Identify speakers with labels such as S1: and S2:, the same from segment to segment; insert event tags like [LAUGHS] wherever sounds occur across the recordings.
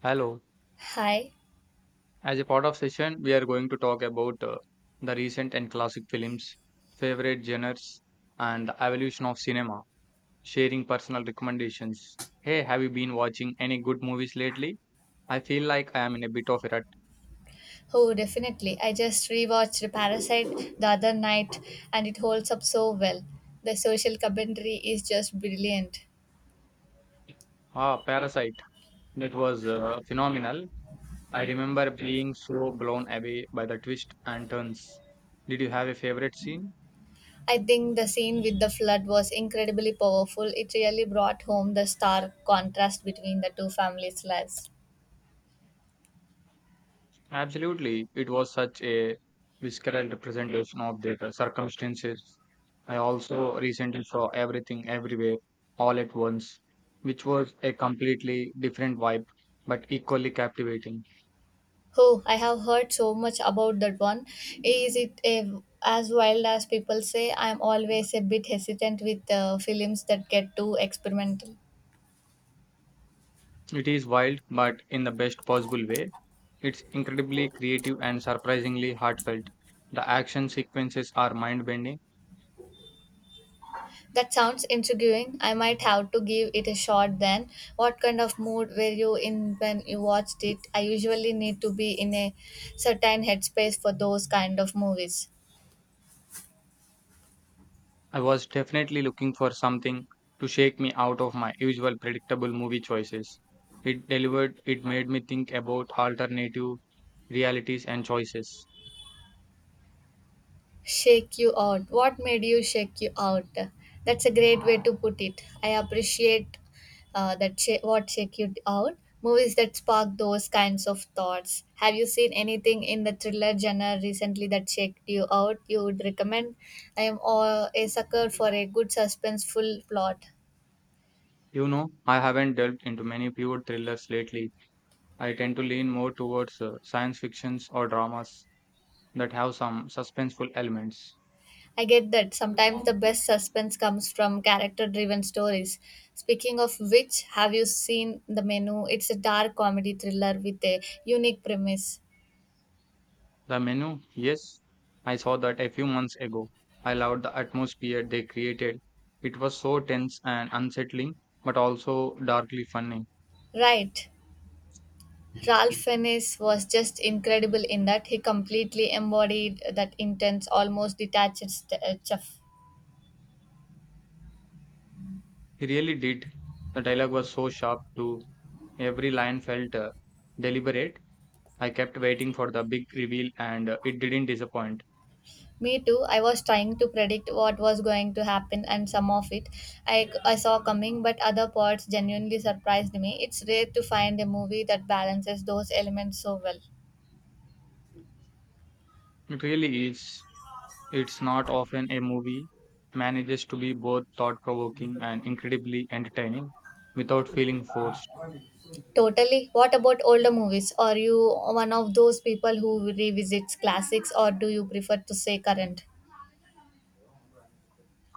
S1: Hello.
S2: Hi.
S1: As a part of session, we are going to talk about the recent and classic films, favorite genres, and the evolution of cinema, sharing personal recommendations. Hey, have you been watching any good movies lately? I feel like I am in a bit of a rut.
S2: Oh, definitely. I just rewatched Parasite the other night and it holds up so well. The social commentary is just brilliant.
S1: Ah, Parasite. That was phenomenal. I remember being so blown away by the twist and turns. Did you have a favorite scene?
S2: I think the scene with the flood was incredibly powerful. It really brought home the stark contrast between the two families' lives.
S1: Absolutely, it was such a visceral representation of their circumstances. I also recently saw everything everywhere all at once, which was a completely different vibe but equally captivating.
S2: Oh, I have heard so much about that one. Is it a, as wild as people say? I'm always a bit hesitant with films that get too experimental.
S1: It is wild, but in the best possible way. It's incredibly creative and surprisingly heartfelt. The action sequences are mind bending.
S2: That sounds intriguing. I might have to give it a shot then. What kind of mood were you in when you watched it? I usually need to be in a certain headspace for those kind of movies.
S1: I was definitely looking for something to shake me out of my usual predictable movie choices. It delivered, it made me think about alternative realities and choices.
S2: Shake you out. What made you shake you out? That's a great way to put it. I appreciate what shake you out. Movies that spark those kinds of thoughts. Have you seen anything in the thriller genre recently that shaked you out? You would recommend. A sucker for a good suspenseful plot.
S1: You know, I haven't delved into many pure thrillers lately. I tend to lean more towards science fictions or dramas that have some suspenseful elements.
S2: I get that sometimes the best suspense comes from character driven stories. Speaking of which, have you seen The Menu? It's a dark comedy thriller with a unique premise.
S1: The menu, yes, I saw that a few months ago. I loved the atmosphere they created. It was so tense and unsettling, but also darkly funny.
S2: Right. Ralph Fiennes was just incredible in that he completely embodied that intense, almost detached chuff.
S1: He really did. The dialogue was so sharp too. Every line felt deliberate. I kept waiting for the big reveal, and it didn't disappoint.
S2: Me too. I was trying to predict what was going to happen, and some of it I saw coming, but other parts genuinely surprised me. It's rare to find a movie that balances those elements so well.
S1: It really is. It's not often a movie manages to be both thought provoking and incredibly entertaining without feeling forced.
S2: Totally. What about older movies? Are you one of those people who revisits classics, or do you prefer to say current?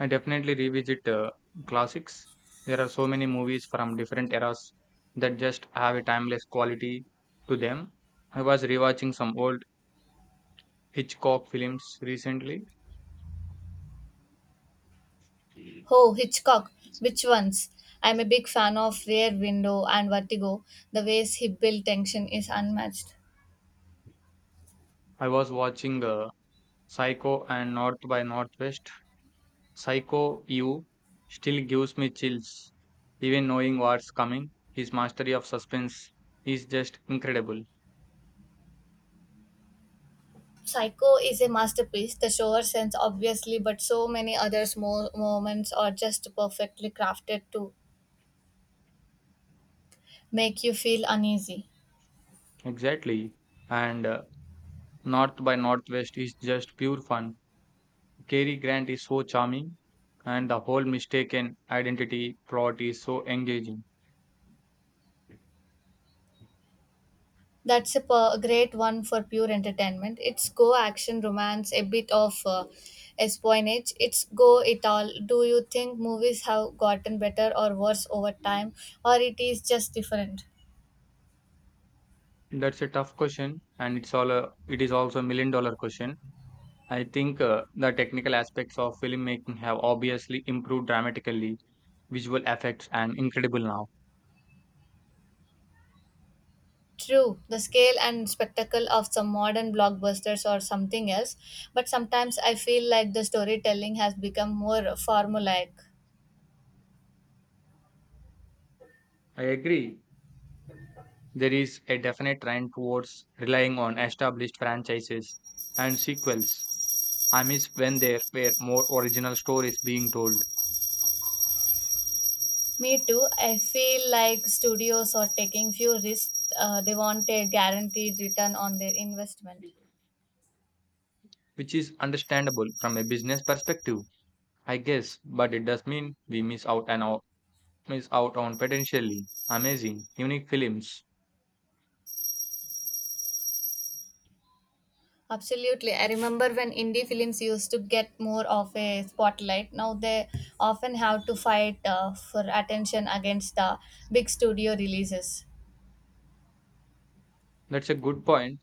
S1: I definitely revisit classics. There are so many movies from different eras that just have a timeless quality to them. I was rewatching some old Hitchcock films recently.
S2: Oh, Hitchcock. Which ones? I'm a big fan of Rear Window and Vertigo. The ways he built tension is unmatched.
S1: I was watching Psycho and North by Northwest. Psycho you still gives me chills, even knowing what's coming. His mastery of suspense is just incredible.
S2: Psycho is a masterpiece. The shower scenes, obviously, but so many other small moments are just perfectly crafted to make you feel uneasy.
S1: Exactly. And North by Northwest is just pure fun. Cary Grant is so charming, and the whole mistaken identity plot is so engaging.
S2: Great one for pure entertainment. It's go action romance, a bit of espionage. It's go it all. Do you think movies have gotten better or worse over time, or it is just different?
S1: That's a tough question, and it is also a million-dollar question. I think the technical aspects of filmmaking have obviously improved dramatically, visual effects and incredible now.
S2: True, the scale and spectacle of some modern blockbusters or something else, but sometimes I feel like the storytelling has become more formulaic.
S1: I agree. There is a definite trend towards relying on established franchises and sequels. I miss when there were more original stories being told,
S2: Me too, I feel like studios are taking few risks, they want a guaranteed return on their investment.
S1: which is understandable from a business perspective, I guess, but it does mean we miss out and out, miss out on potentially amazing, unique films.
S2: Absolutely, I remember when indie films used to get more of a spotlight, now they often have to fight for attention against the big studio releases.
S1: That's a good point.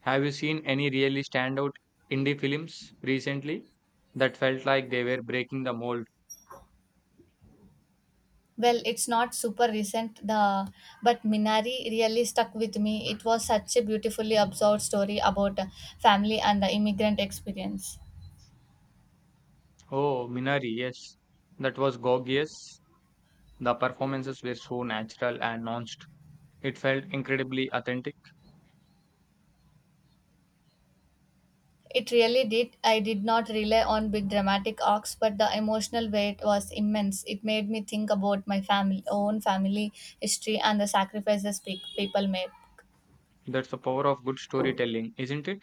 S1: Have you seen any really standout indie films recently that felt like they were breaking the mold?
S2: Well, it's not super recent, the but Minari really stuck with me. It was such a beautifully absorbed story about family and the immigrant experience.
S1: Oh, Minari, yes. That was gorgeous. The performances were so natural and nuanced. It felt incredibly authentic.
S2: It really did. I did not rely on big dramatic arcs, but the emotional weight was immense. It made me think about own family history, and the sacrifices people made.
S1: That's the power of good storytelling, isn't it?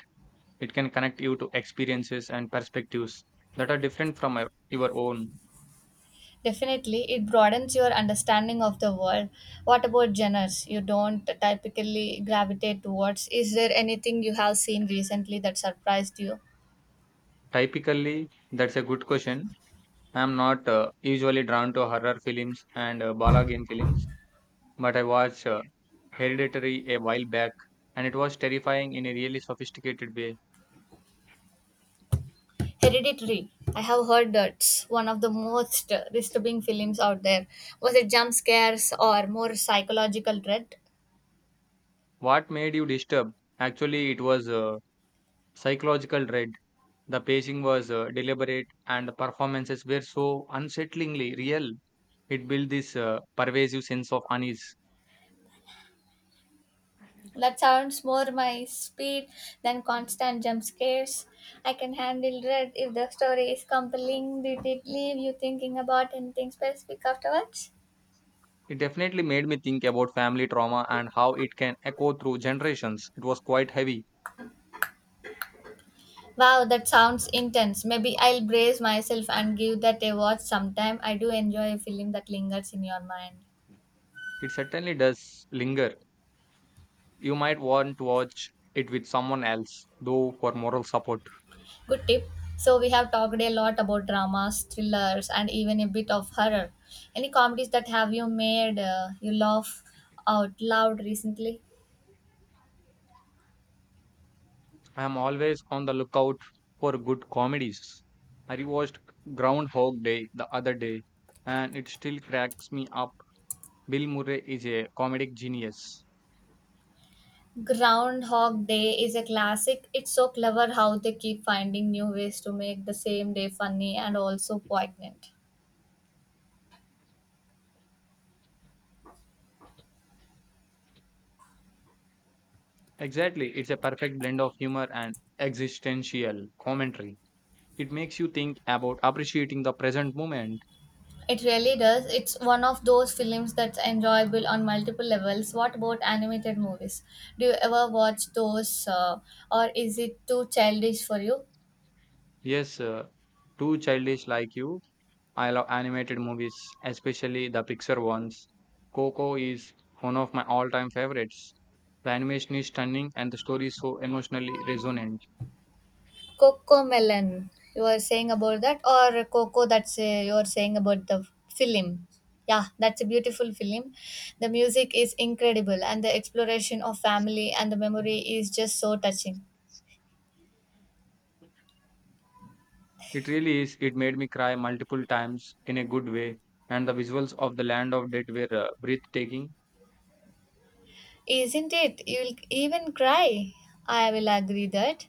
S1: It can connect you to experiences and perspectives that are different from your own.
S2: Definitely, it broadens your understanding of the world. What about genres you don't typically gravitate towards? Is there anything you have seen recently that surprised you?
S1: Typically, that's a good question. I'm not usually drawn to horror films and Bala game films, but I watched Hereditary a while back, and it was terrifying in a really sophisticated way.
S2: Hereditary. I have heard that's one of the most disturbing films out there. Was it jump scares or more psychological dread?
S1: What made you disturbed? Actually, it was psychological dread. The pacing was deliberate, and the performances were so unsettlingly real. It built this pervasive sense of unease.
S2: That sounds more my speed than constant jump scares. I can handle dread if the story is compelling. Did it leave you thinking about anything specific afterwards?
S1: It definitely made me think about family trauma and how it can echo through generations. It was quite heavy.
S2: Wow, that sounds intense. Maybe I'll brace myself and give that a watch sometime. I do enjoy a film that lingers in your mind.
S1: It certainly does linger. You might want to watch it with someone else, though, for moral support.
S2: Good tip. So, we have talked a lot about dramas, thrillers, and even a bit of horror. Any comedies that have you made you laugh out loud recently?
S1: I am always on the lookout for good comedies. I rewatched Groundhog Day the other day and it still cracks me up. Bill Murray is a comedic genius.
S2: Groundhog Day is a classic. It's so clever how they keep finding new ways to make the same day funny and also poignant.
S1: Exactly, it's a perfect blend of humor and existential commentary. It makes you think about appreciating the present moment.
S2: It really does. It's one of those films that's enjoyable on multiple levels. What about animated movies? Do you ever watch those, or is it too childish for you?
S1: Yes, too childish like you, I love animated movies, especially the Pixar ones. Coco is one of my all time favorites. The animation is stunning and the story is so emotionally resonant.
S2: Coco Melon, you are saying about that, or Coco, that's you are saying about the film. Yeah, that's a beautiful film. The music is incredible, and the exploration of family and the memory is just so touching.
S1: It really is, it made me cry multiple times in a good way, and the visuals of the land of dead were breathtaking.
S2: Isn't it? You'll even cry. I will agree that.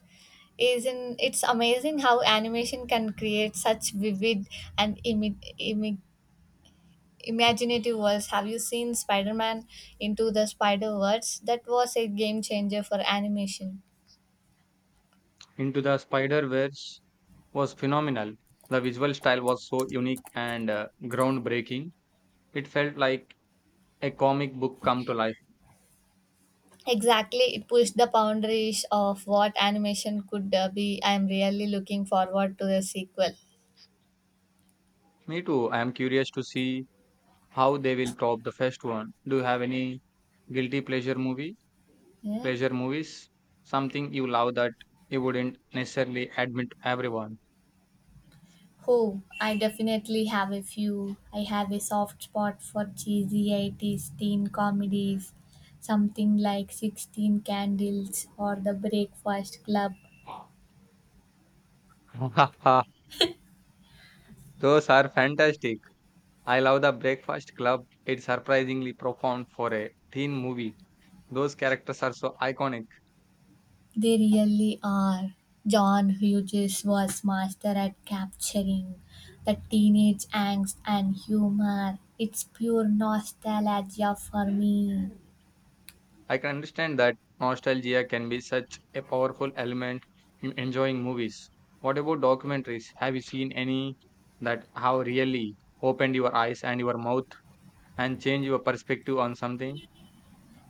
S2: Isn't it's amazing how animation can create such vivid and imaginative worlds. Have you seen Spider-Man into the Spider-Verse? That was a game changer for animation.
S1: Into the Spider Verse was phenomenal. The visual style was so unique and groundbreaking. It felt like a comic book come to life.
S2: Exactly, it pushed the boundaries of what animation could be. I am really looking forward to the sequel.
S1: Me too, I am curious to see how they will top the first one. Do you have any guilty pleasure movie,
S2: Yeah.
S1: pleasure movies, something you love that you wouldn't necessarily admit everyone?
S2: Oh, I definitely have a few. I have a soft spot for cheesy 80s teen comedies, something like 16 Candles or The Breakfast Club.
S1: [LAUGHS] Those are fantastic. I love The Breakfast Club. It's surprisingly profound for a teen movie. Those characters are so iconic.
S2: They really are. John Hughes was master at capturing the teenage angst and humor. It's pure nostalgia for me.
S1: I can understand that nostalgia can be such a powerful element in enjoying movies. What about documentaries? Have you seen any that have really opened your eyes and your mouth and change your perspective on something?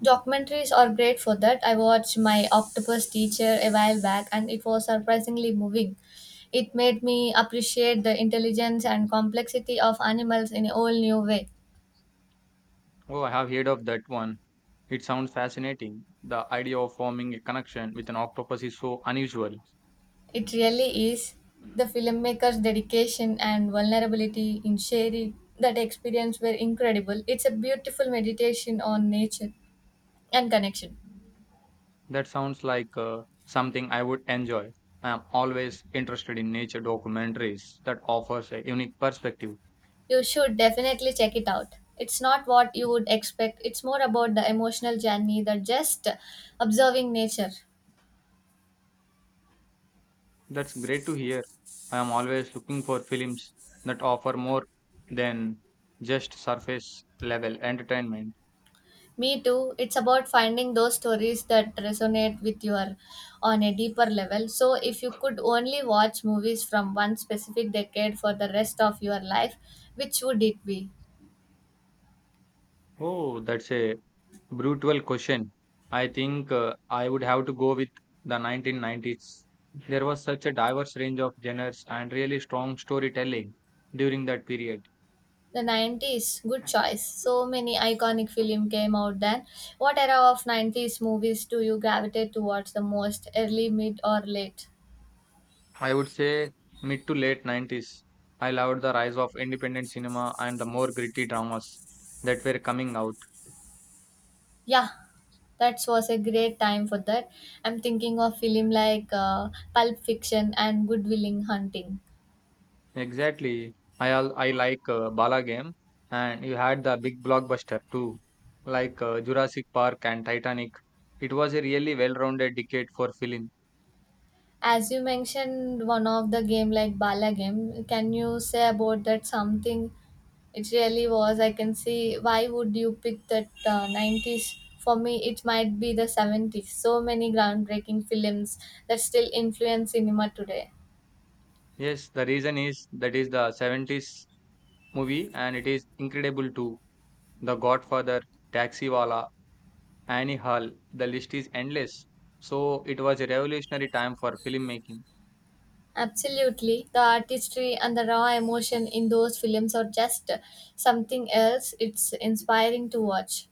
S2: Documentaries are great for that. I watched My Octopus Teacher a while back and it was surprisingly moving. It made me appreciate the intelligence and complexity of animals in a whole new way.
S1: Oh, I have heard of that one. It sounds fascinating. The idea of forming a connection with an octopus is so unusual.
S2: It really is the filmmaker's dedication and vulnerability in sharing that experience were incredible. It's a beautiful meditation on nature and connection.
S1: That sounds like something I would enjoy. I am always interested in nature documentaries that offers a unique perspective.
S2: You should definitely check it out. It's not what you would expect, it's more about the emotional journey than just observing nature.
S1: That's great to hear. I am always looking for films that offer more than just surface level entertainment.
S2: Me too, it's about finding those stories that resonate with your on a deeper level. So, if you could only watch movies from one specific decade for the rest of your life, which would it be?
S1: Oh, that's a brutal question. I think I would have to go with the 1990s. There was such a diverse range of genres and really strong storytelling during that period.
S2: The 90s, good choice. So many iconic film came out then. What era of 90s movies do you gravitate towards the most, early, mid, or late?
S1: I would say mid to late 90s. I loved the rise of independent cinema and the more gritty dramas that were coming out.
S2: Yeah, that was a great time for that. I'm thinking of film like Pulp Fiction and Good Willing Hunting.
S1: Exactly. I like Bala Game, and you had the big blockbuster too, like Jurassic Park and Titanic. It was a really well-rounded decade for film.
S2: As you mentioned, one of the game like Bala game. Can you say about that something? It really was. I can see why would you pick that 90s? For me, it might be the 70s. So many groundbreaking films that still influence cinema today.
S1: Yes, the reason is that is the 70s movie and it is incredible too. The Godfather, Taxi Wala, Annie Hall, the list is endless. So it was a revolutionary time for filmmaking.
S2: Absolutely. The artistry and the raw emotion in those films are just something else. It's inspiring to watch.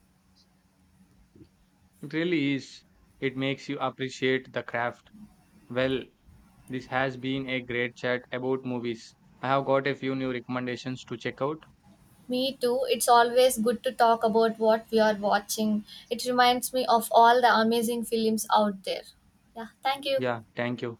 S1: It really is. It makes you appreciate the craft. Well, this has been a great chat about movies. I have got a few new recommendations to check out.
S2: Me too. It's always good to talk about what we are watching. It reminds me of all the amazing films out there. Yeah, thank you.
S1: Yeah, thank you.